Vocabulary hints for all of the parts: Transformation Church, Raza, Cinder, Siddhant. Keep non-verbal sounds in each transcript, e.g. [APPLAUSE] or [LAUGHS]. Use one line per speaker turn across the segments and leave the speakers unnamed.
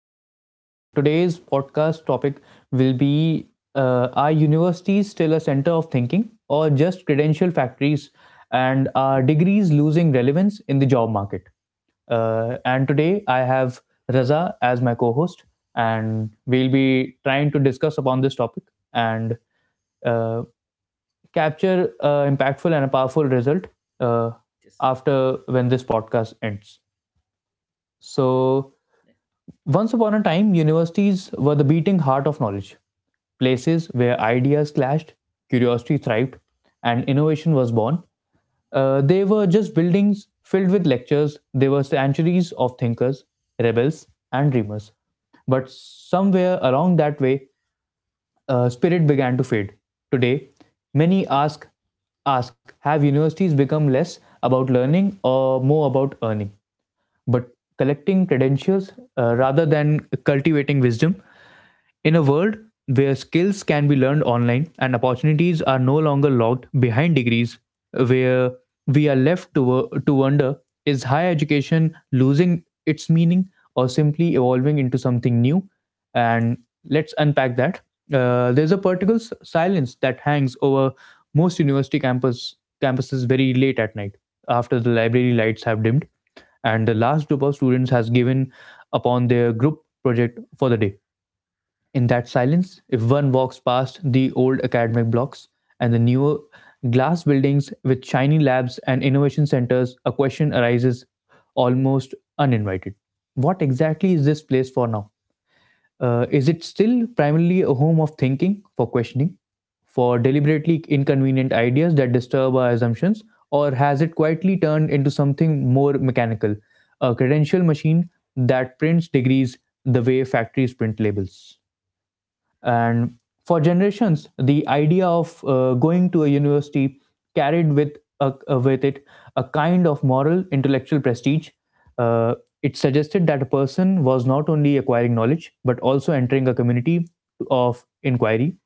podcast. Today's podcast topic will be are universities still a center of thinking, or just credential factories, and are degrees losing relevance in the job market? And today I have Raza as my co host, and we'll be trying to discuss upon this topic. And uh, capture an impactful and a powerful result uh,
Yes.
after when this podcast ends. So,
Yeah.
once upon a time, universities were the beating heart of knowledge, places where ideas clashed, curiosity thrived, and innovation was born. They were just buildings filled with lectures, they were sanctuaries of thinkers, rebels, and dreamers. But somewhere along that way, spirit began to fade. Today, many ask, have universities become less about learning or more about earning? But collecting credentials rather than cultivating wisdom in a world where skills can be learned online and opportunities are no longer locked behind degrees, where we are left to wonder, is higher education losing its meaning or simply evolving into something new? And let's unpack that. There's a particular silence that hangs over most university campuses very late at night, after the library lights have dimmed and the last group of students has given upon their group project for the day. In that silence, if one walks past the old academic blocks and the newer glass buildings with shiny labs and innovation centers, a question arises almost uninvited. What exactly is this place for now? Is it still primarily a home of thinking, for questioning, for deliberately inconvenient ideas that disturb our assumptions, or has it quietly turned into something more mechanical, a credential machine that prints degrees the way factories print labels? And for generations, the idea of going to a university carried with with it a kind of moral intellectual prestige. Uh, it suggested that a person was not only acquiring knowledge but also entering a community of inquiry,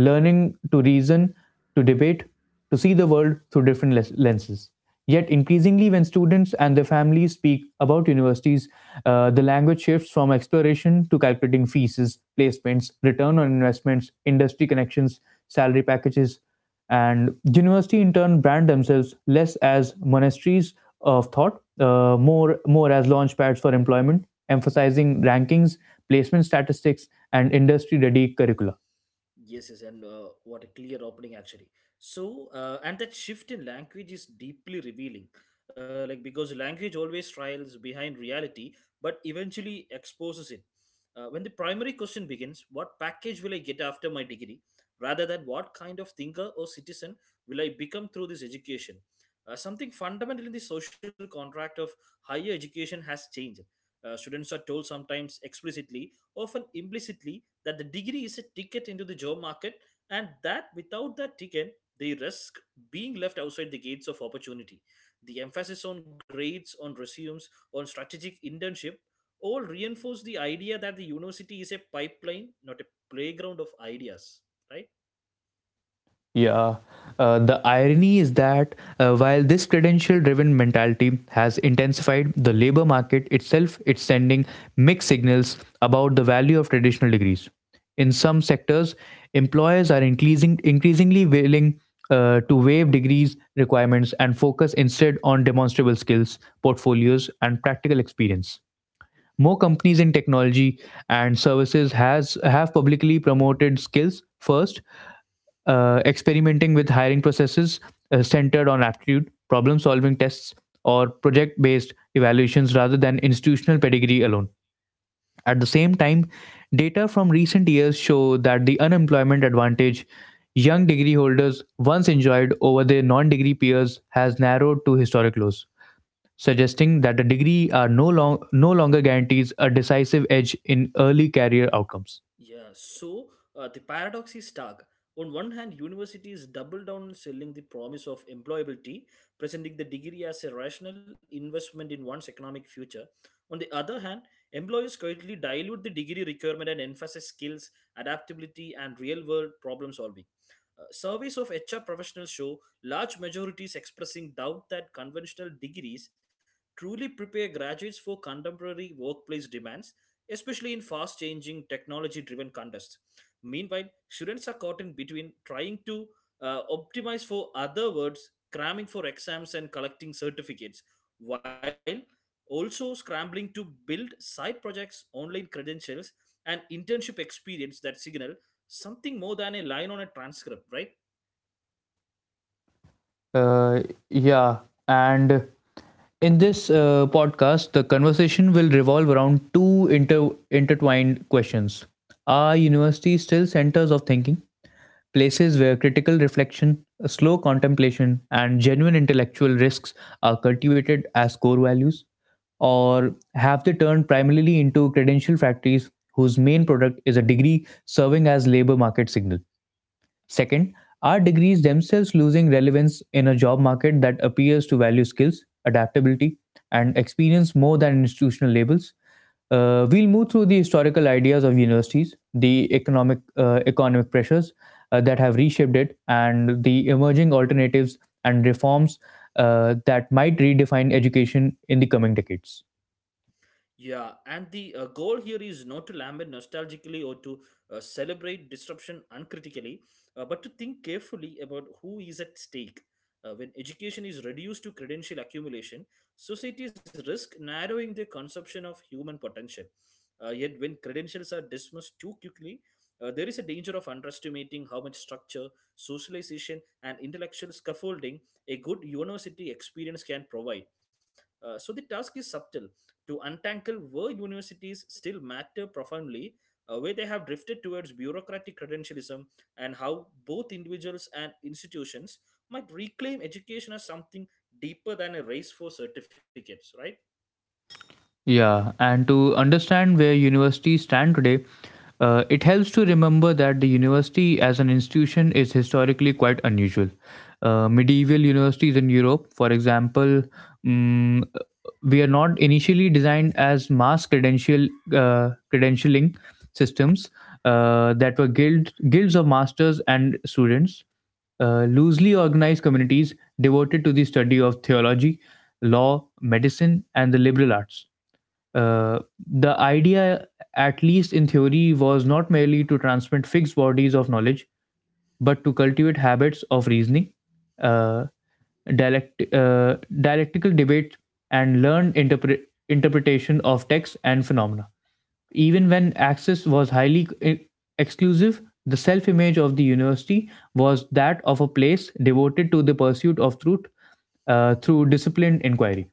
learning to reason, to debate, to see the world through different lenses. Yet, increasingly, when students and their families speak about universities, the language shifts from exploration to calculating fees, placements, return on investments, industry connections, salary packages, and university in turn brand themselves less as monasteries of thought, more as launchpads for employment, emphasizing rankings, placement statistics, and industry-ready curricula.
Yes, yes, and what a clear opening actually. So, and that shift in language is deeply revealing, like because language always trials behind reality, but eventually exposes it. When the primary question begins, what package will I get after my degree, rather than what kind of thinker or citizen will I become through this education? Something fundamental in the social contract of higher education has changed. Students are told sometimes explicitly, often implicitly, that the degree is a ticket into the job market, and that without that ticket they risk being left outside the gates of opportunity. The emphasis on grades, on resumes, on strategic internship all reinforce the idea that the university is a pipeline, not a playground of ideas, right?
Yeah. The irony is that while this credential driven mentality has intensified, the labor market itself it's sending mixed signals about the value of traditional degrees in some sectors. Employers are increasingly willing to waive degrees requirements and focus instead on demonstrable skills, portfolios, and practical experience. More companies in technology and services has have publicly promoted skills first, experimenting with hiring processes centered on aptitude, problem solving tests, or project based evaluations rather than institutional pedigree alone. At the same time, data from recent years show that the unemployment advantage young degree holders once enjoyed over their non degree peers has narrowed to historic lows, suggesting that a degree are no, long, no longer guarantees a decisive edge in early career outcomes.
Yeah, so the paradox is stark. On one hand, universities double down on selling the promise of employability, presenting the degree as a rational investment in one's economic future. On the other hand, employers quietly dilute the degree requirement and emphasize skills, adaptability, and real world problem solving. Surveys of HR professionals show large majorities expressing doubt that conventional degrees truly prepare graduates for contemporary workplace demands, especially in fast changing technology driven contests. Meanwhile, students are caught in between trying to optimize for other words, cramming for exams, and collecting certificates, while also scrambling to build side projects, online credentials, and internship experience that signal something more than a line on a transcript, right?
Uh, yeah, and in this podcast, the conversation will revolve around two intertwined questions. Are universities still centers of thinking? Places where critical reflection, slow contemplation, and genuine intellectual risks are cultivated as core values? Or have they turned primarily into credential factories whose main product is a degree serving as labor market signal? Second, are degrees themselves losing relevance in a job market that appears to value skills, adaptability, and experience more than institutional labels? We'll move through the historical ideas of universities, the economic pressures that have reshaped it, and the emerging alternatives and reforms that might redefine education in the coming decades.
Yeah, and the goal here is not to lament nostalgically or to celebrate disruption uncritically, but to think carefully about who is at stake. When education is reduced to credential accumulation, societies risk narrowing their conception of human potential. Yet, when credentials are dismissed too quickly, there is a danger of underestimating how much structure, socialization, and intellectual scaffolding a good university experience can provide. So, the task is subtle, to untangle where universities still matter profoundly, where they have drifted towards bureaucratic credentialism, and how both individuals and institutions might reclaim education as something deeper than a race for certificates, right?
Yeah, and to understand where universities stand today, it helps to remember that the university as an institution is historically quite unusual. Medieval universities in Europe, for example, mm, we are not initially designed as mass credentialing systems that were guilds of masters and students, loosely organized communities devoted to the study of theology, law, medicine, and the liberal arts. Uh, the idea, at least in theory, was not merely to transmit fixed bodies of knowledge, but to cultivate habits of reasoning, uh, dialectical debate, and learned interpretation of text and phenomena. Even when access was highly exclusive, the self image of the university was that of a place devoted to the pursuit of truth through disciplined inquiry.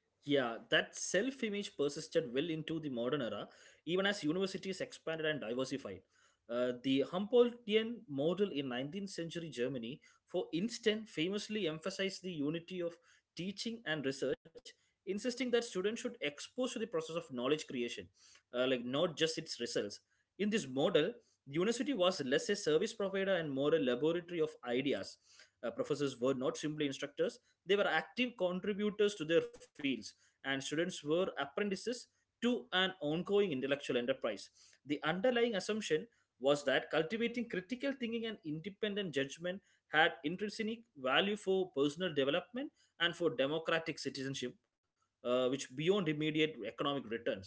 Yeah, that self image persisted well into the modern era, even as universities expanded and diversified. The Humboldtian model in 19th century Germany, for instance, famously emphasized the unity of teaching and research, insisting that students should expose to the process of knowledge creation, like not just its results. In this model, the university was less a service provider and more a laboratory of ideas. Professors were not simply instructors, they were active contributors to their fields, and students were apprentices to an ongoing intellectual enterprise. The underlying assumption was that cultivating critical thinking and independent judgment had intrinsic value for personal development and for democratic citizenship, which beyond immediate economic returns.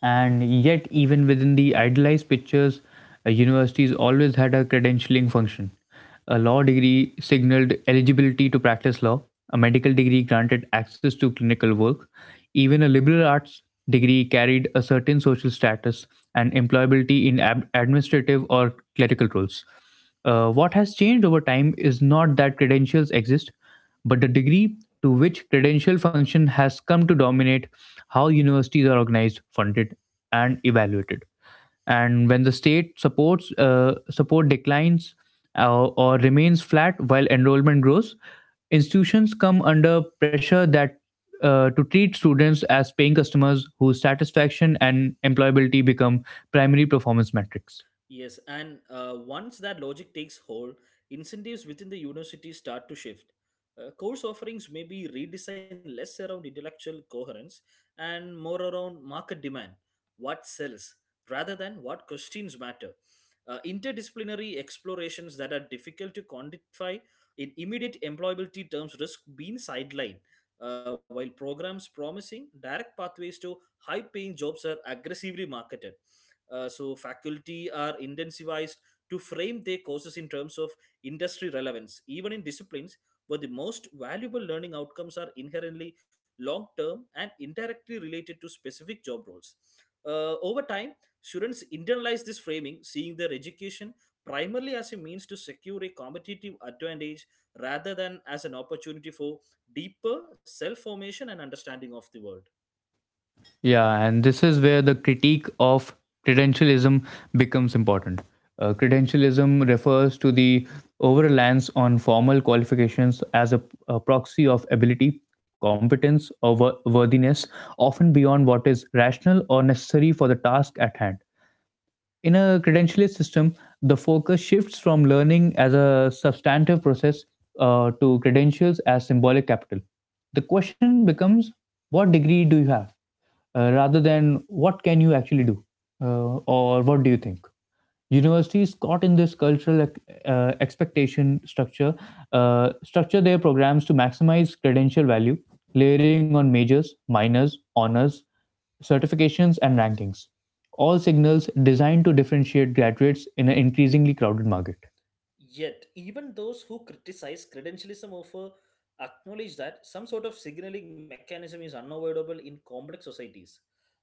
And yet, even within the idealized pictures, universities always had a credentialing function. A law degree signaled eligibility to practice law, a medical degree granted access to clinical work, even a liberal arts degree carried a certain social status and employability in administrative or clerical roles. What has changed over time is not that credentials exist, but the degree to which credential function has come to dominate how universities are organized, funded, and evaluated. And when the state support declines or remains flat while enrollment grows, institutions come under pressure that to treat students as paying customers whose satisfaction and employability become primary performance metrics.
Yes, and once that logic takes hold, incentives within the university start to shift. Course offerings may be redesigned less around intellectual coherence and more around market demand, what sells, rather than what questions matter. Interdisciplinary explorations that are difficult to quantify in immediate employability terms risk being sidelined, while programs promising direct pathways to high paying jobs are aggressively marketed. So faculty are incentivized to frame their courses in terms of industry relevance, even in disciplines where the most valuable learning outcomes are inherently long term and indirectly related to specific job roles. Over time, students internalize this framing, seeing their education primarily as a means to secure a competitive advantage rather than as an opportunity for deeper self formation and understanding of the world.
Yeah, and this is where the critique of credentialism becomes important. Credentialism refers to the overreliance on formal qualifications as a proxy of ability, competence, or worthiness, often beyond what is rational or necessary for the task at hand. In a credentialist system, the focus shifts from learning as a substantive process to credentials as symbolic capital. The question becomes, what degree do you have rather than what can you actually do, or what do you think? Universities caught in this cultural expectation structure their programs to maximize credential value, layering on majors, minors, honors, certifications, and rankings, all signals designed to differentiate graduates in an increasingly crowded market.
Yet, even those who criticize credentialism offer acknowledge that some sort of signaling mechanism is unavoidable in complex societies.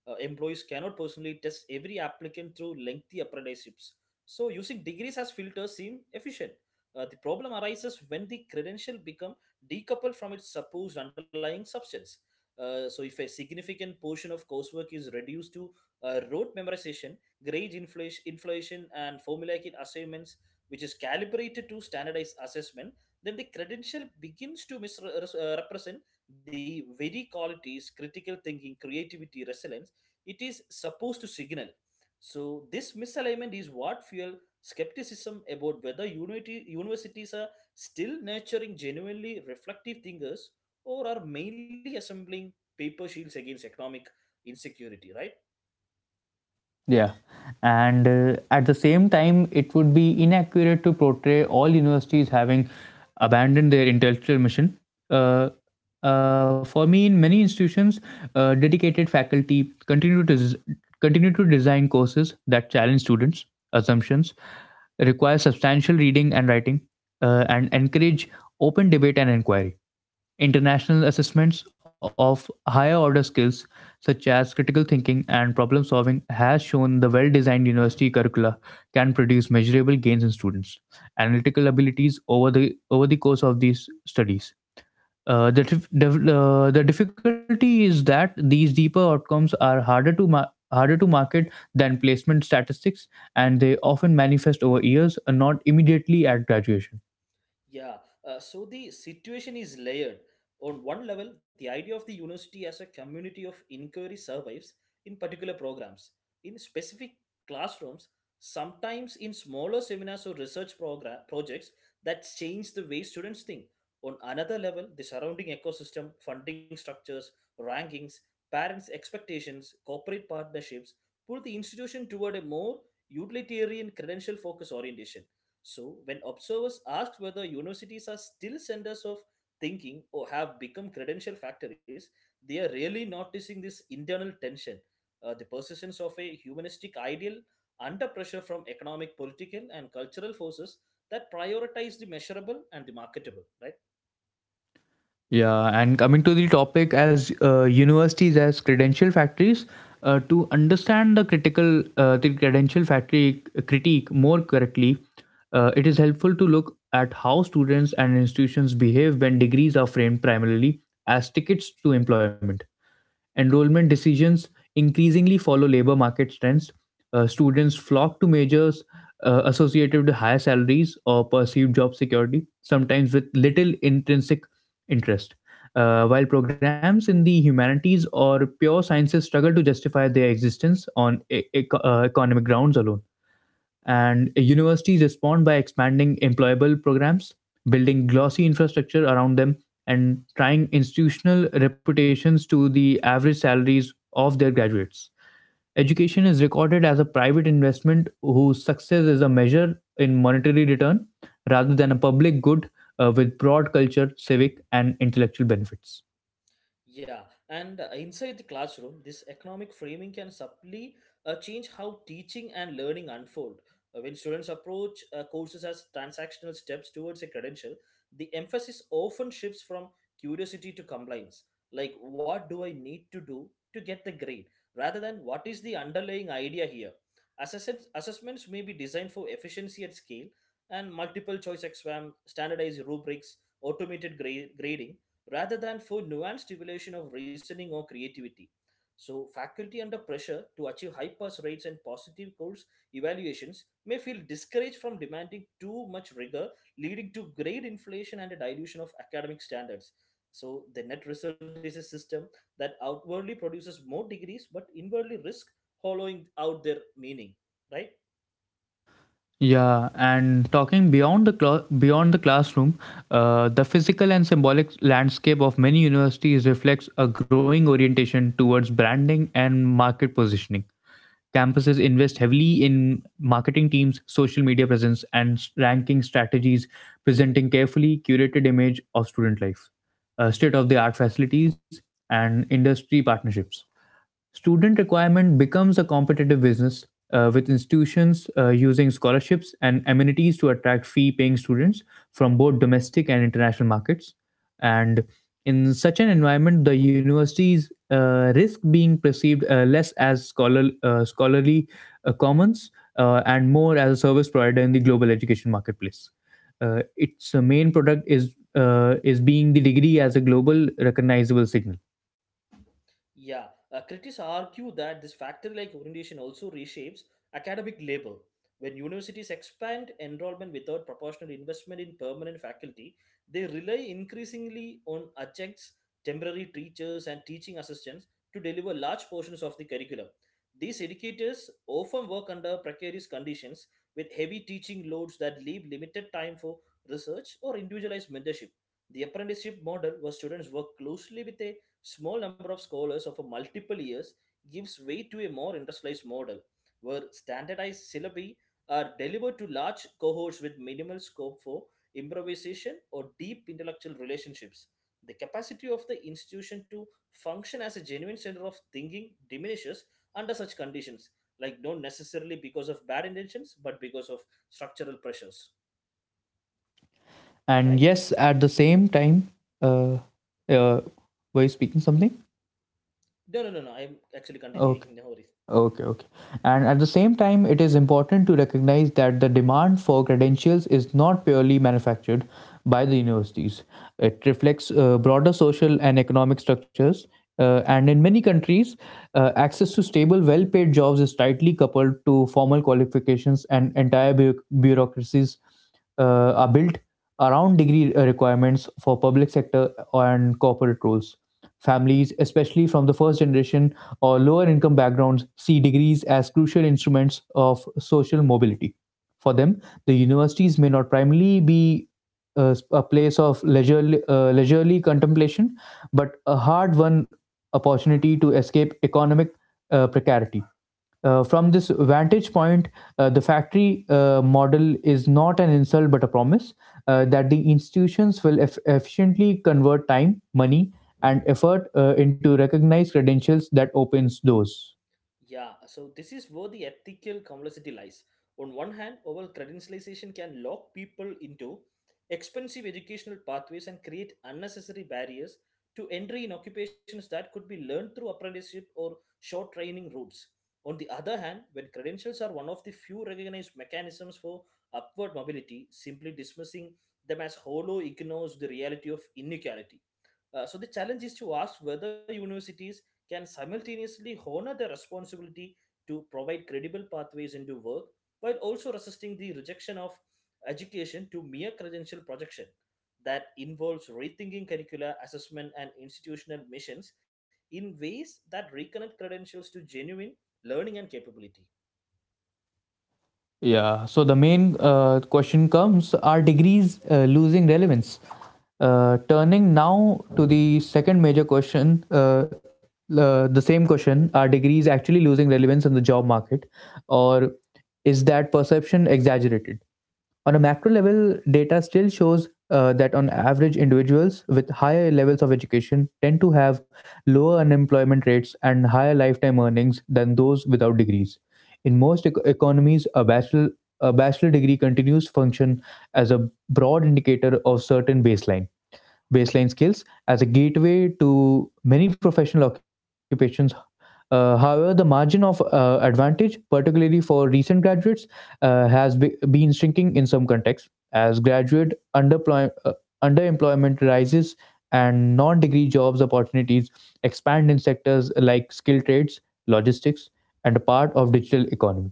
Employees cannot personally test every applicant through lengthy apprenticeships, so using degrees as filters seem efficient. The problem arises when the credential become decoupled from its supposed underlying substance. So, if a significant portion of coursework is reduced to rote memorization, grade inflation, and formulaic assignments, which is calibrated to standardized assessment, then the credential begins to misrepresent the very qualities critical thinking, creativity, resilience it is supposed to signal. So, this misalignment is what fuel skepticism about whether universities are still nurturing genuinely reflective thinkers or are mainly assembling paper shields against economic insecurity, right?
Yeah. And at the same time, it would be inaccurate to portray all universities having abandoned their intellectual mission. Uh, for me, in many institutions, dedicated faculty continue to design courses that challenge students' assumptions, require substantial reading and writing, and encourage open debate and inquiry. International assessments of higher order skills such as critical thinking and problem solving has shown the well designed university curricula can produce measurable gains in students analytical abilities over the course of these studies. Uh, the, dif- dev- the difficulty is that these deeper outcomes are harder to market than placement statistics, and they often manifest over years and not immediately at graduation.
Yeah, so the situation is layered. On one level, the idea of the university as a community of inquiry survives in particular programs, in specific classrooms, sometimes in smaller seminars or research program projects that change the way students think. On another level, the surrounding ecosystem, funding structures, rankings, parents' expectations, corporate partnerships pull the institution toward a more utilitarian credential focus orientation. So, when observers asked whether universities are still centers of thinking or have become credential factories, they are really noticing this internal tension, the persistence of a humanistic ideal under pressure from economic, political, and cultural forces that prioritize the measurable and the marketable, right?
Yeah, and coming to the topic as universities as credential factories, to understand the critical the credential factory critique more correctly, it is helpful to look at how students and institutions behave when degrees are framed primarily as tickets to employment. Enrollment decisions increasingly follow labor market trends. Students flock to majors associated with higher salaries or perceived job security, sometimes with little intrinsic interest. While programs in the humanities or pure sciences struggle to justify their existence on economic grounds alone. And universities respond by expanding employable programs, building glossy infrastructure around them, and tying institutional reputations to the average salaries of their graduates. Education is recorded as a private investment whose success is a measure in monetary return rather than a public good with broad culture, civic, and intellectual benefits.
Yeah, and inside the classroom, this economic framing can subtly change how teaching and learning unfold. When students approach courses as transactional steps towards a credential, the emphasis often shifts from curiosity to compliance. Like, what do I need to do to get the grade? Rather than what is the underlying idea here? Assessments may be designed for efficiency at scale, and multiple choice exam, standardized rubrics, automated grading rather than for nuanced evaluation of reasoning or creativity. So, faculty under pressure to achieve high pass rates and positive course evaluations may feel discouraged from demanding too much rigor, leading to grade inflation and a dilution of academic standards. So, the net result is a system that outwardly produces more degrees but inwardly risk hollowing out their meaning, right?
Yeah, and talking beyond the classroom, the physical and symbolic landscape of many universities reflects a growing orientation towards branding and market positioning. Campuses invest heavily in marketing teams, social media presence, and ranking strategies, presenting carefully curated image of student life, state of the art facilities, and industry partnerships. Student requirement becomes a competitive business with institutions using scholarships and amenities to attract fee paying students from both domestic and international markets. And in such an environment, the universities risk being perceived less as scholarly commons and more as a service provider in the global education marketplace. Its main product is being the degree as a global recognizable signal.
Yeah, critics argue that this factor like orientation also reshapes academic labor. When universities expand enrollment without proportional investment in permanent faculty, they rely increasingly on adjuncts, temporary teachers, and teaching assistants to deliver large portions of the curriculum. These educators often work under precarious conditions with heavy teaching loads that leave limited time for research or individualized mentorship. The apprenticeship model, where students work closely with a small number of scholars over multiple years gives way to a more industrialized model where standardized syllabi are delivered to large cohorts with minimal scope for improvisation or deep intellectual relationships. The capacity of the institution to function as a genuine center of thinking diminishes under such conditions, like not necessarily because of bad intentions, but because of structural pressures.
And
Right?
yes, at the same time, uh, uh, were you speaking something?
No, no, no, no. I'm actually continuing.
Okay,
[LAUGHS] No worries.
okay. And at the same time, it is important to recognize that the demand for credentials is not purely manufactured by the universities. It reflects broader social and economic structures. And in many countries, access to stable, well paid jobs is tightly coupled to formal qualifications, and entire bureaucracies are built around degree requirements for public sector and corporate roles. Families, especially from the first generation or lower income backgrounds, see degrees as crucial instruments of social mobility. For them, the universities may not primarily be a place of leisurely contemplation, but a hard won opportunity to escape economic precarity. From this vantage point, the factory model is not an insult but a promise that the institutions will efficiently convert time, money, and effort into recognized credentials that opens doors.
Yeah, so this is where the ethical complexity lies. On one hand, oral credentialization can lock people into expensive educational pathways and create unnecessary barriers to entry in occupations that could be learned through apprenticeship or short training routes. On the other hand, when credentials are one of the few recognized mechanisms for upward mobility, simply dismissing them as hollow ignores the reality of inequality. So the challenge is to ask whether universities can simultaneously honor their responsibility to provide credible pathways into work while also resisting the rejection of education to mere credential projection that involves rethinking curricula, assessment, and institutional missions in ways that reconnect credentials to genuine learning and capability.
Yeah. So the main question comes, are degrees losing relevance? Turning now to the second major question, the same question, are degrees actually losing relevance in the job market, or is that perception exaggerated? On a macro level, data still shows that on average, individuals with higher levels of education tend to have lower unemployment rates and higher lifetime earnings than those without degrees. In most economies, a bachelor degree continues function as a broad indicator of certain baseline skills as a gateway to many professional occupations. However, the margin of advantage, particularly for recent graduates, has been shrinking in some contexts as graduate underemployment rises and non degree jobs opportunities expand in sectors like skilled trades, logistics, and a part of digital economy.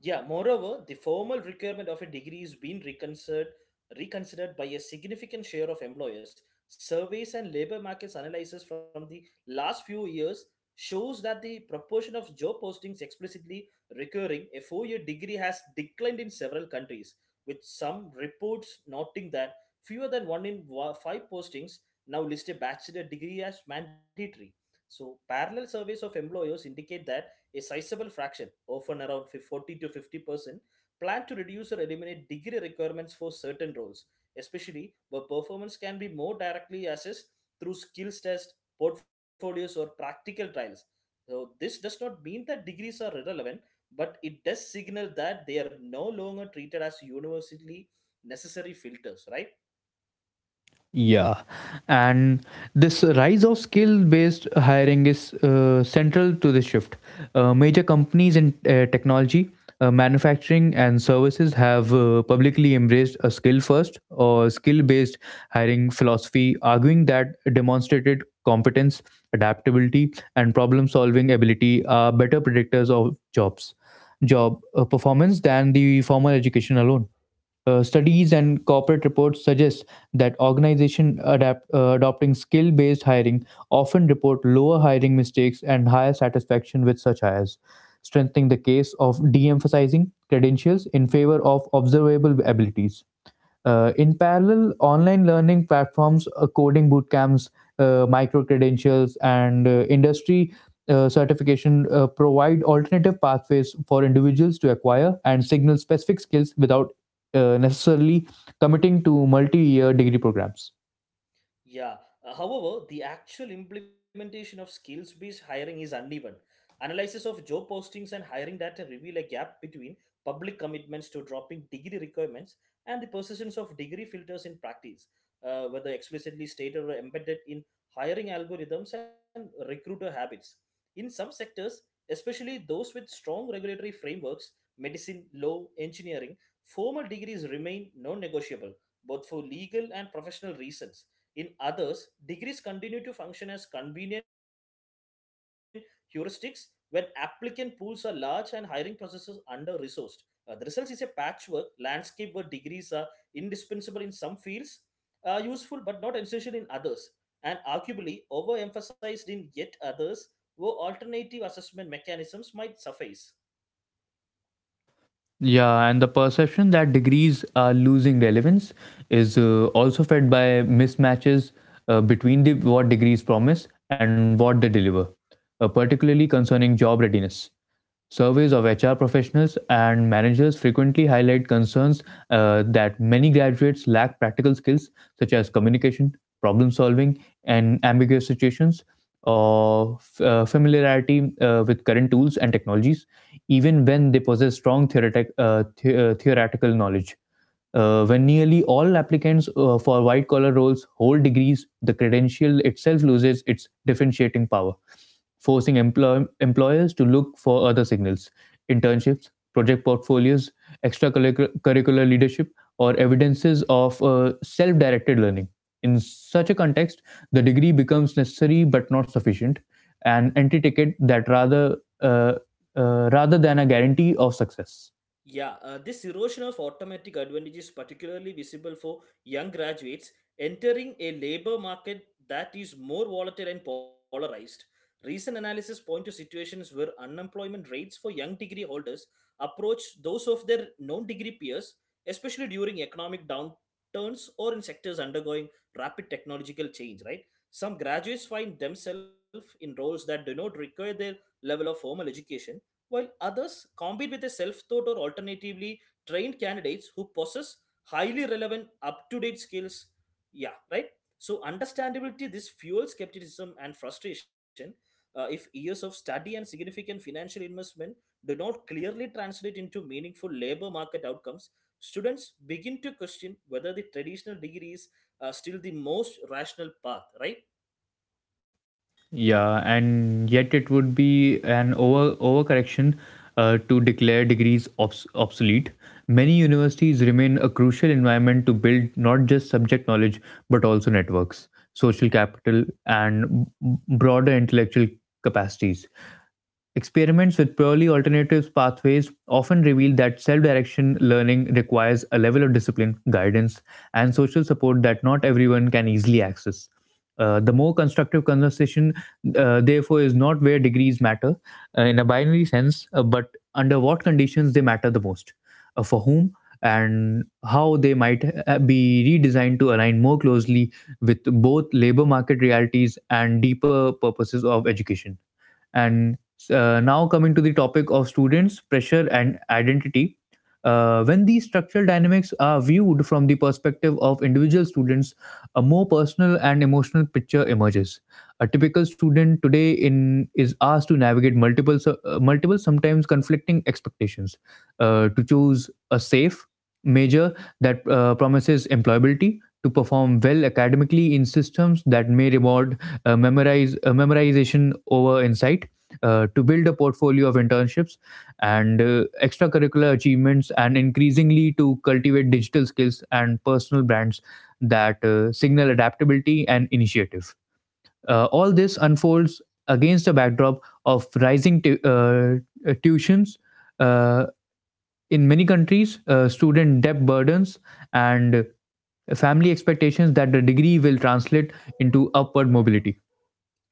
Yeah, moreover, the formal requirement of a degree is being reconsidered by a significant share of employers. Surveys and labor markets analysis from the last few years shows that the proportion of job postings explicitly requiring a four-year degree has declined in several countries, with some reports noting that fewer than one in five postings now list a bachelor degree as mandatory. So, parallel surveys of employers indicate that a sizable fraction, often around 40 to 50%, plan to reduce or eliminate degree requirements for certain roles, especially where performance can be more directly assessed through skills tests, portfolios, or practical trials. So, this does not mean that degrees are irrelevant, but it does signal that they are no longer treated as universally necessary filters, right?
Yeah, and this rise of skill based hiring is central to this shift. Major companies in technology, manufacturing, and services have publicly embraced a skill first or skill based hiring philosophy, arguing that demonstrated competence, adaptability, and problem solving ability are better predictors of job performance than the formal education alone. Studies and corporate reports suggest that organizations adopting skill based hiring often report lower hiring mistakes and higher satisfaction with such hires, strengthening the case of de emphasizing credentials in favor of observable abilities. In parallel, online learning platforms, coding bootcamps, micro credentials, and industry certification provide alternative pathways for individuals to acquire and signal specific skills without necessarily committing to multi year degree programs.
Yeah. However, the actual implementation of skills based hiring is uneven. Analysis of job postings and hiring data reveal a gap between public commitments to dropping degree requirements and the persistence of degree filters in practice, whether explicitly stated or embedded in hiring algorithms and recruiter habits. In some sectors, especially those with strong regulatory frameworks, medicine, law, engineering, formal degrees remain non negotiable, both for legal and professional reasons. In others, degrees continue to function as convenient heuristics when applicant pools are large and hiring processes under resourced. The results is a patchwork landscape where degrees are indispensable in some fields, useful but not essential in others, and arguably overemphasized in yet others where alternative assessment mechanisms might suffice.
Yeah, and the perception that degrees are losing relevance is also fed by mismatches between what degrees promise and what they deliver, particularly concerning job readiness. Surveys of HR professionals and managers frequently highlight concerns that many graduates lack practical skills such as communication, problem solving, and ambiguous situations, or familiarity with current tools and technologies, even when they possess strong theoretical knowledge. When nearly all applicants for white collar roles hold degrees, the credential itself loses its differentiating power, forcing employers to look for other signals, internships, project portfolios, extracurricular leadership, or evidences of self directed learning. In such a context, the degree becomes necessary but not sufficient, an entry ticket that uh, rather than a guarantee of success.
Yeah, this erosion of automatic advantage is particularly visible for young graduates entering a labor market that is more volatile and polarized. Recent analysis point to situations where unemployment rates for young degree holders approach those of their non-degree peers, especially during economic downturns or in sectors undergoing rapid technological change, right? Some graduates find themselves in roles that do not require their level of formal education while others compete with a self taught or alternatively trained candidates who possess highly relevant up to date skills. Yeah, right? So, understandability, this fuels skepticism and frustration if years of study and significant financial investment do not clearly translate into meaningful labor market outcomes. Students begin to question whether the traditional degree is still the most rational path, right?
Yeah, and yet it would be an over overcorrection to declare degrees obsolete. Many universities remain a crucial environment to build not just subject knowledge but also networks, social capital, and broader intellectual capacities. Experiments with purely alternative pathways often reveal that self direction learning requires a level of discipline, guidance, and social support that not everyone can easily access. The more constructive conversation therefore is not where degrees matter in a binary sense, but under what conditions they matter the most, for whom, and how they might be redesigned to align more closely with both labor market realities and deeper purposes of education. And now coming to the topic of students pressure and identity, when these structural dynamics are viewed from the perspective of individual students, a more personal and emotional picture emerges. A typical student today in is asked to navigate multiple sometimes conflicting expectations, to choose a safe major that promises employability, to perform well academically in systems that may reward memorize memorization over insight, to build a portfolio of internships and extracurricular achievements, and increasingly to cultivate digital skills and personal brands that signal adaptability and initiative. All this unfolds against a backdrop of rising tuitions uh, in many countries, student debt burdens, and family expectations that the degree will translate into upward mobility.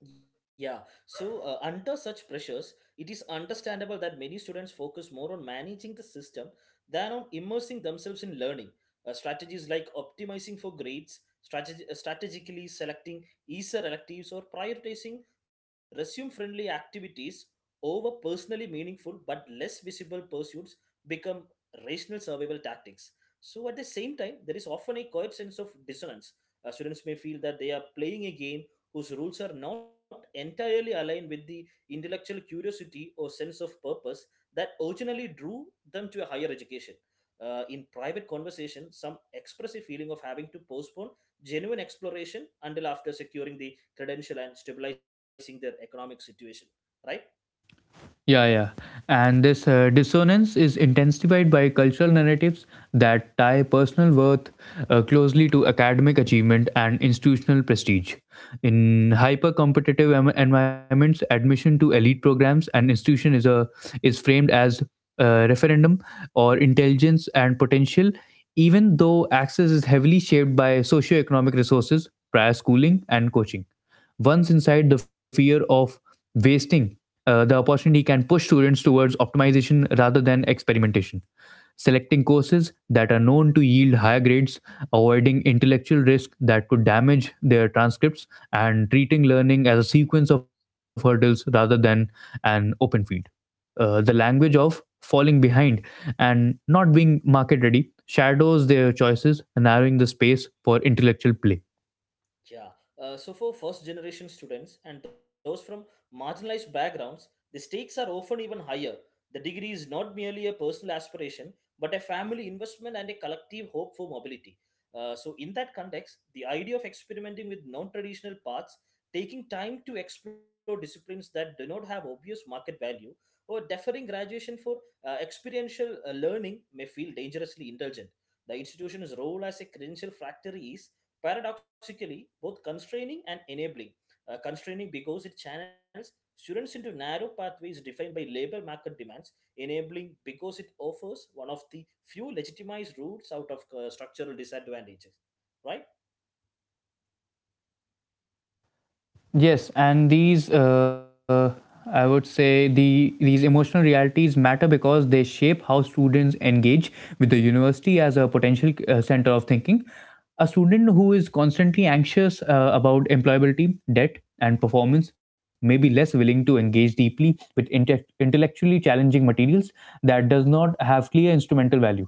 Yeah, so under such pressures, it is understandable that many students focus more on managing the system than on immersing themselves in learning. Strategies like optimizing for grades, strategically selecting easier electives, or prioritizing resume friendly activities over personally meaningful but less visible pursuits become rational survival tactics. So, at the same time, there is often a quiet sense of dissonance. Students may feel that they are playing a game whose rules are not entirely aligned with the intellectual curiosity or sense of purpose that originally drew them to a higher education. In private conversation, some express a feeling of having to postpone genuine exploration until after securing the credential and stabilizing their economic situation, right.
Yeah, yeah. And this dissonance is intensified by cultural narratives that tie personal worth closely to academic achievement and institutional prestige. In hyper competitive environments, admission to elite programs and institution is a is framed as a referendum or intelligence and potential, even though access is heavily shaped by socioeconomic resources, prior schooling, and coaching. Once inside, the fear of wasting the opportunity can push students towards optimization rather than experimentation, selecting courses that are known to yield higher grades, avoiding intellectual risk that could damage their transcripts, and treating learning as a sequence of hurdles rather than an open field. The language of falling behind and not being market ready shadows their choices, narrowing the space for intellectual play.
Yeah. So for first generation students and those from marginalized backgrounds, the stakes are often even higher. The degree is not merely a personal aspiration, but a family investment and a collective hope for mobility. So in that context, the idea of experimenting with non-traditional paths, taking time to explore disciplines that do not have obvious market value, or deferring graduation for experiential learning may feel dangerously indulgent. The institution's role as a credential factory is paradoxically both constraining and enabling. Constraining because it channels students into narrow pathways defined by labor market demands, enabling because it offers one of the few legitimized routes out of structural disadvantages, right?
Yes, and I would say, these emotional realities matter because they shape how students engage with the university as a potential center of thinking. A student who is constantly anxious about employability, debt, and performance may be less willing to engage deeply with intellectually challenging materials that does not have clear instrumental value.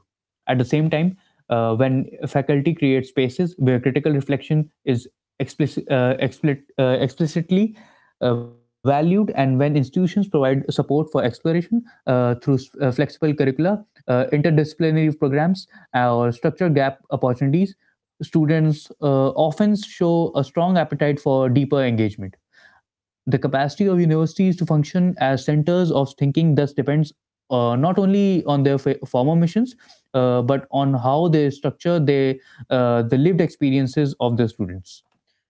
At the same time, when faculty create spaces where critical reflection is explicitly valued, and when institutions provide support for exploration through flexible curricula, interdisciplinary programs, or structure gap opportunities, students often show a strong appetite for deeper engagement. The capacity of universities to function as centers of thinking thus depends not only on their former missions, but on how they structure the lived experiences of their students.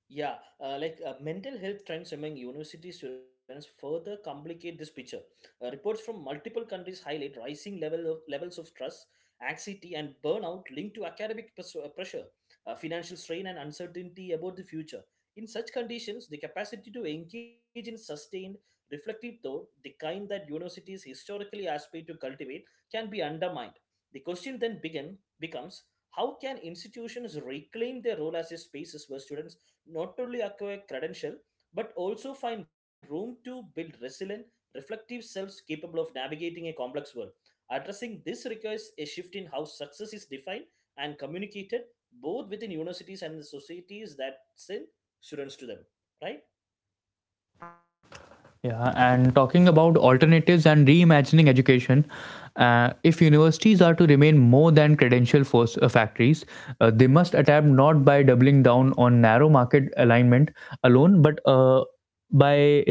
Yeah, mental health trends among university students further complicate this picture. Reports from multiple countries highlight rising levels of stress, anxiety, and burnout linked to academic pressure, financial strain, and uncertainty about the future. In such conditions, the capacity to engage in sustained, reflective thought, the kind that universities historically aspire to cultivate, can be undermined. The question then becomes how can institutions reclaim their role as a spaces where students not only acquire credential but also find room to build resilient, reflective selves capable of navigating a complex world. Addressing this requires a shift in how success is defined and communicated both within universities and the societies that send students to them, right?
Yeah, and talking about alternatives and reimagining education, if universities are to remain more than credential factories, they must adapt not by doubling down on narrow market alignment alone, but by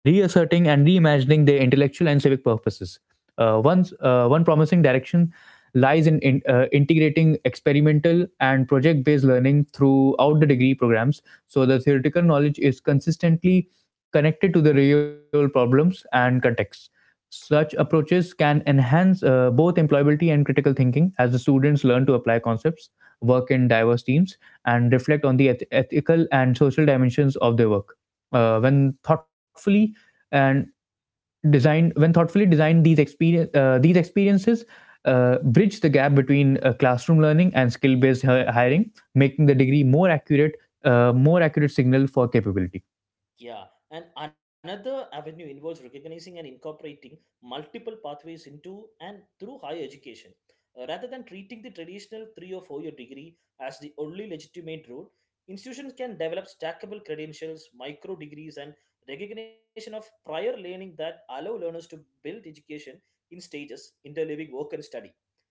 reasserting and reimagining their intellectual and civic purposes. One promising direction lies in integrating experimental and project based learning throughout the degree programs so the theoretical knowledge is consistently connected to the real problems and context. Such approaches can enhance both employability and critical thinking as the students learn to apply concepts, work in diverse teams, and reflect on the ethical and social dimensions of their work. When thoughtfully and designed, when thoughtfully designed, these experiences bridge the gap between classroom learning and skill based hiring, making the degree more accurate signal for capability.
Yeah, and another avenue involves recognizing and incorporating multiple pathways into and through higher education. Rather than treating the traditional 3 or 4 year degree as the only legitimate route, institutions can develop stackable credentials, micro degrees, and recognition of prior learning that allow learners to build education in stages, interleaving work and study.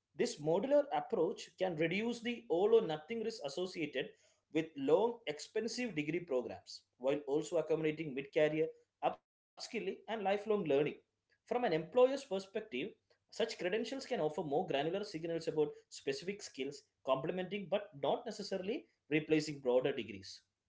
This modular approach can reduce the all or nothing risk associated with long, expensive degree programs while also accommodating mid career upskilling and lifelong learning. From an employer's perspective, such credentials can offer more granular signals about specific skills, complementing but not necessarily replacing broader degrees.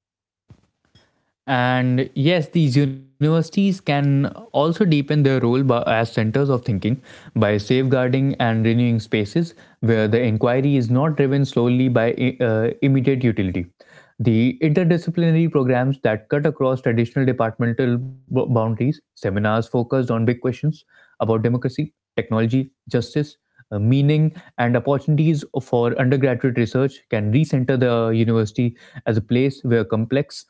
And yes, these universities can also deepen their role by, as centers of thinking, by safeguarding and renewing spaces where the inquiry is not driven solely by immediate utility. The interdisciplinary programs that cut across traditional departmental boundaries, seminars focused on big questions, about democracy, technology, justice, meaning, and opportunities for undergraduate research can recenter the university as a place where complex,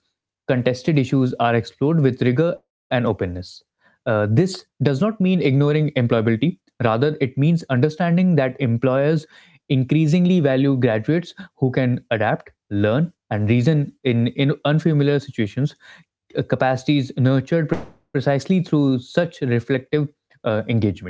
contested issues are explored with rigor and openness. This does not mean ignoring employability, rather, it means understanding that employers increasingly value graduates who can adapt, learn, and reason in unfamiliar situations, capacities nurtured precisely through such reflective engagements.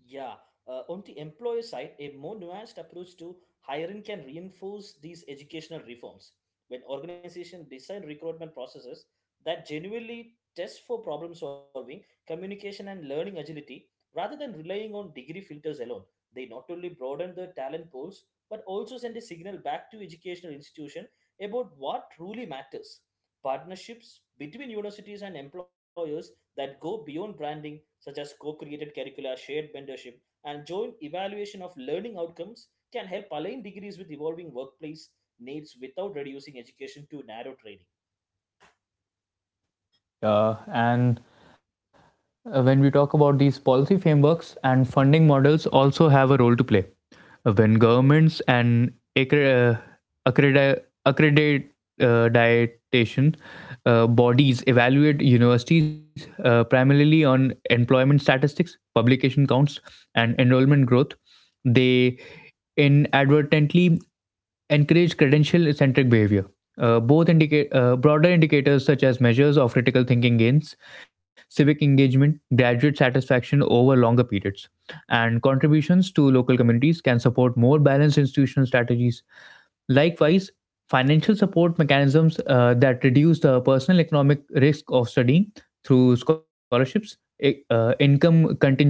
Yeah, on the employer side, a more nuanced approach to hiring can reinforce these educational reforms. When organizations design recruitment processes that genuinely test for problem solving, communication, and learning agility, rather than relying on degree filters alone, they not only broaden the talent pools but also send a signal back to educational institution about what truly matters. Partnerships between universities and employers that go beyond branding, such as co created curricula, shared mentorship, and joint evaluation of learning outcomes, can help align degrees with evolving workplace needs without reducing education to narrow training.
And when we talk about these policy frameworks and funding models, also have a role to play. When governments and accredi- accreditation bodies evaluate universities primarily on employment statistics, publication counts, and enrollment growth, they inadvertently encourage credential centric behavior. Both indicate Broader indicators such as measures of critical thinking gains, civic engagement, graduate satisfaction over longer periods, and contributions to local communities can support more balanced institutional strategies. Likewise, financial support mechanisms that reduce the personal economic risk of studying through scholarships, income contingent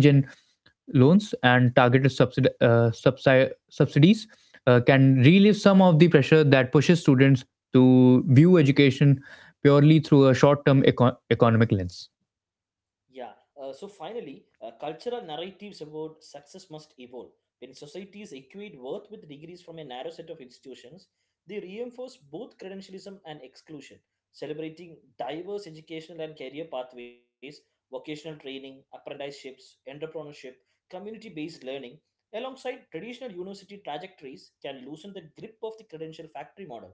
loans, and targeted subsidies can relieve some of the pressure that pushes students to view education purely through a short term economic lens.
Yeah. So finally, cultural narratives about success must evolve. When societies equate worth with degrees from a narrow set of institutions, they reinforce both credentialism and exclusion, celebrating diverse educational and career pathways, vocational training, apprenticeships, entrepreneurship, community based learning. Alongside traditional university trajectories, can loosen the grip of the credential factory model.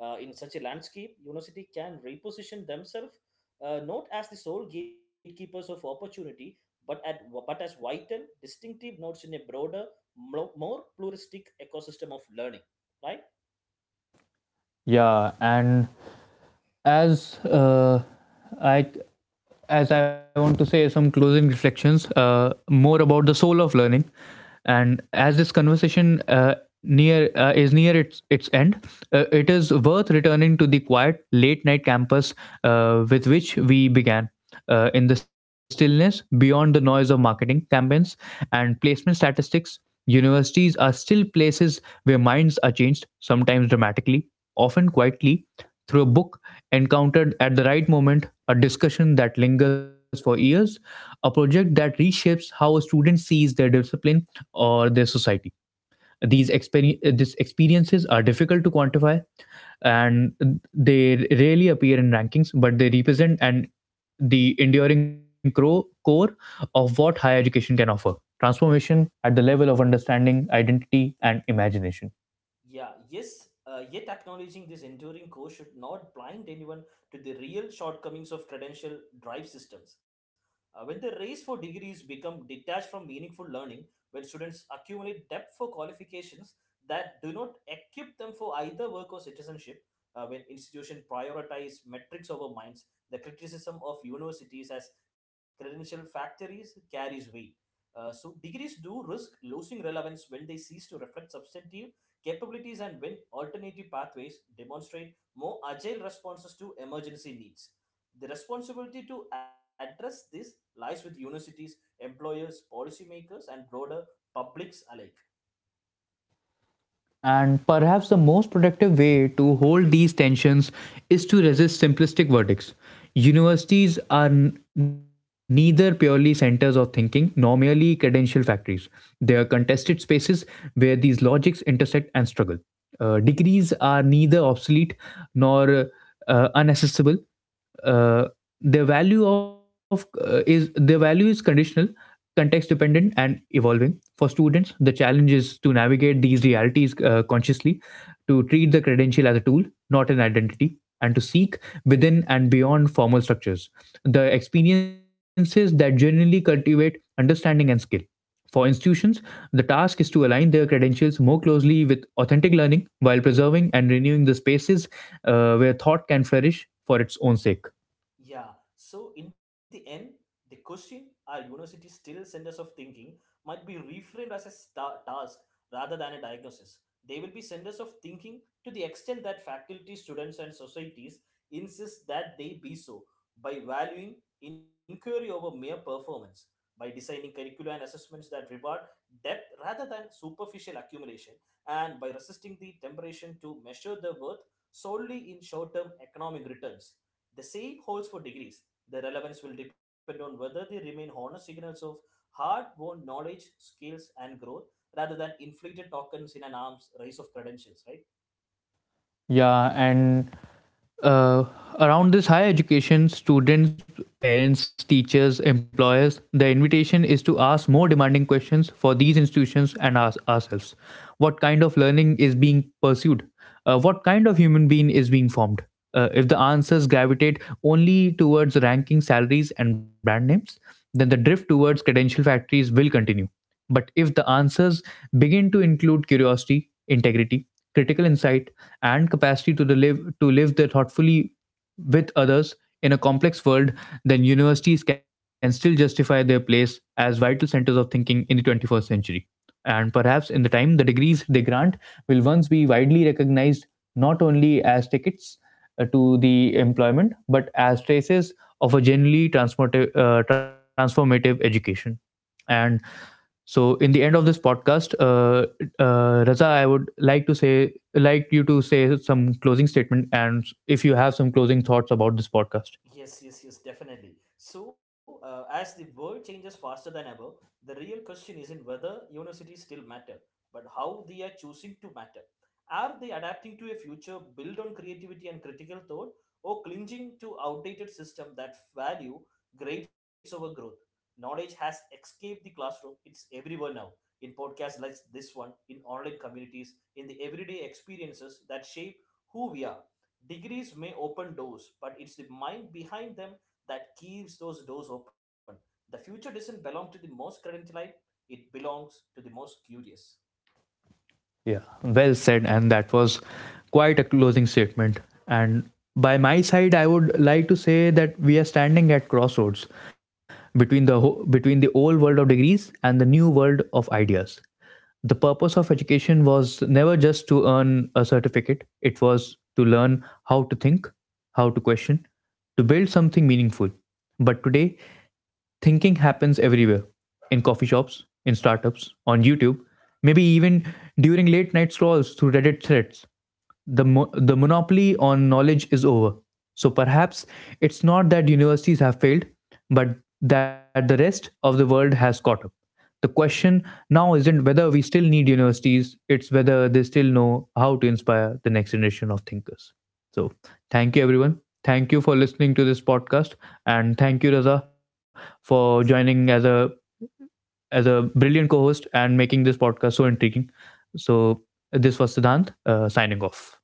In such a landscape, university can reposition themselves not as the sole gatekeepers of opportunity, but as vital, distinctive nodes in a broader, more pluralistic ecosystem of learning. Right?
Yeah, and as I, as I want to say some closing reflections, more about the soul of learning, and as this conversation near is near its end, it is worth returning to the quiet late night campus with which we began. In the stillness beyond the noise of marketing campaigns and placement statistics, universities are still places where minds are changed, sometimes dramatically, often quietly, through a book encountered at the right moment, a discussion that lingers for years, a project that reshapes how a student sees their discipline or their society. These experiences are difficult to quantify and they rarely appear in rankings, but they represent and the enduring core of what higher education can offer, transformation at the level of understanding, identity, and imagination.
Yeah, yes, yet acknowledging this enduring core should not blind anyone to the real shortcomings of credential drive systems. When the race for degrees become detached from meaningful learning, when students accumulate depth for qualifications that do not equip them for either work or citizenship, when institutions prioritize metrics over minds, the criticism of universities as credential factories carries weight. So degrees do risk losing relevance when they cease to reflect substantive capabilities and when alternative pathways demonstrate more agile responses to emergency needs. The responsibility to address this lies with universities, employers, policymakers, and broader publics alike.
And perhaps the most productive way to hold these tensions is to resist simplistic verdicts. Universities are neither purely centers of thinking nor merely credential factories. They are contested spaces where these logics intersect and struggle. Degrees are neither obsolete nor unaccessible. uh, their value is conditional, context dependent and evolving. For students, the challenge is to navigate these realities consciously, to treat the credential as a tool, not an identity, and to seek within and beyond formal structures the experiences that genuinely cultivate understanding and skill. For institutions, the task is to align their credentials more closely with authentic learning while preserving and renewing the spaces where thought can flourish for its own sake.
Yeah, so in the end, the question, are universities still centers of thinking, might be reframed as a task rather than a diagnosis. They will be centers of thinking to the extent that faculty, students, and societies insist that they be so by valuing inquiry over mere performance, by designing curricula and assessments that reward depth rather than superficial accumulation, and by resisting the temptation to measure the worth solely in short term economic returns. The same holds for degrees. Their relevance will depend on whether they remain honest signals of hard won knowledge, skills, and growth rather than inflated tokens in an arms race of credentials, right?
Yeah, and uh, around this higher education, students, parents, teachers, employers, the invitation is to ask more demanding questions for these institutions and ourselves. What kind of learning is being pursued? What kind of human being is being formed? If the answers gravitate only towards ranking salaries and brand names, then the drift towards credential factories will continue. But if the answers begin to include curiosity, integrity, critical insight, and capacity to the live to live there thoughtfully with others in a complex world, then universities can still justify their place as vital centers of thinking in the 21st century. And perhaps in the time, the degrees they grant will once be widely recognized not only as tickets to the employment, but as traces of a generally transformative education. And so, in the end of this podcast, Raza, I would like to say, like you to say some closing statement, and if you have some closing thoughts about this podcast.
Yes, yes, yes, definitely. So, as the world changes faster than ever, the real question isn't whether universities still matter, but how they are choosing to matter. Are they adapting to a future built on creativity and critical thought, or clinging to outdated system that value grades over growth? Knowledge has escaped the classroom; it's everywhere now. In podcasts like this one, in online communities, in the everyday experiences that shape who we are. Degrees may open doors, but it's the mind behind them that keeps those doors open. The future doesn't belong to the most credentialed, it belongs to the most curious.
Yeah, well said, and that was quite a closing statement. And by my side, I would like to say that we are standing at crossroads between the between the old world of degrees and the new world of ideas. The purpose of education was never just to earn a certificate; it was to learn how to think, how to question, to build something meaningful. But today, thinking happens everywhere, in coffee shops, in startups, on YouTube, maybe even during late night scrolls through Reddit threads. The the monopoly on knowledge is over. So perhaps it's not that universities have failed, but that the rest of the world has caught up. The question now isn't whether we still need universities, it's whether they still know how to inspire the next generation of thinkers. So, thank you everyone. Thank you for listening to this podcast and thank you Raza for
Yes,
joining
thank you, thank you.
as a brilliant co-host and making this podcast so intriguing. So, this was Siddhant signing off.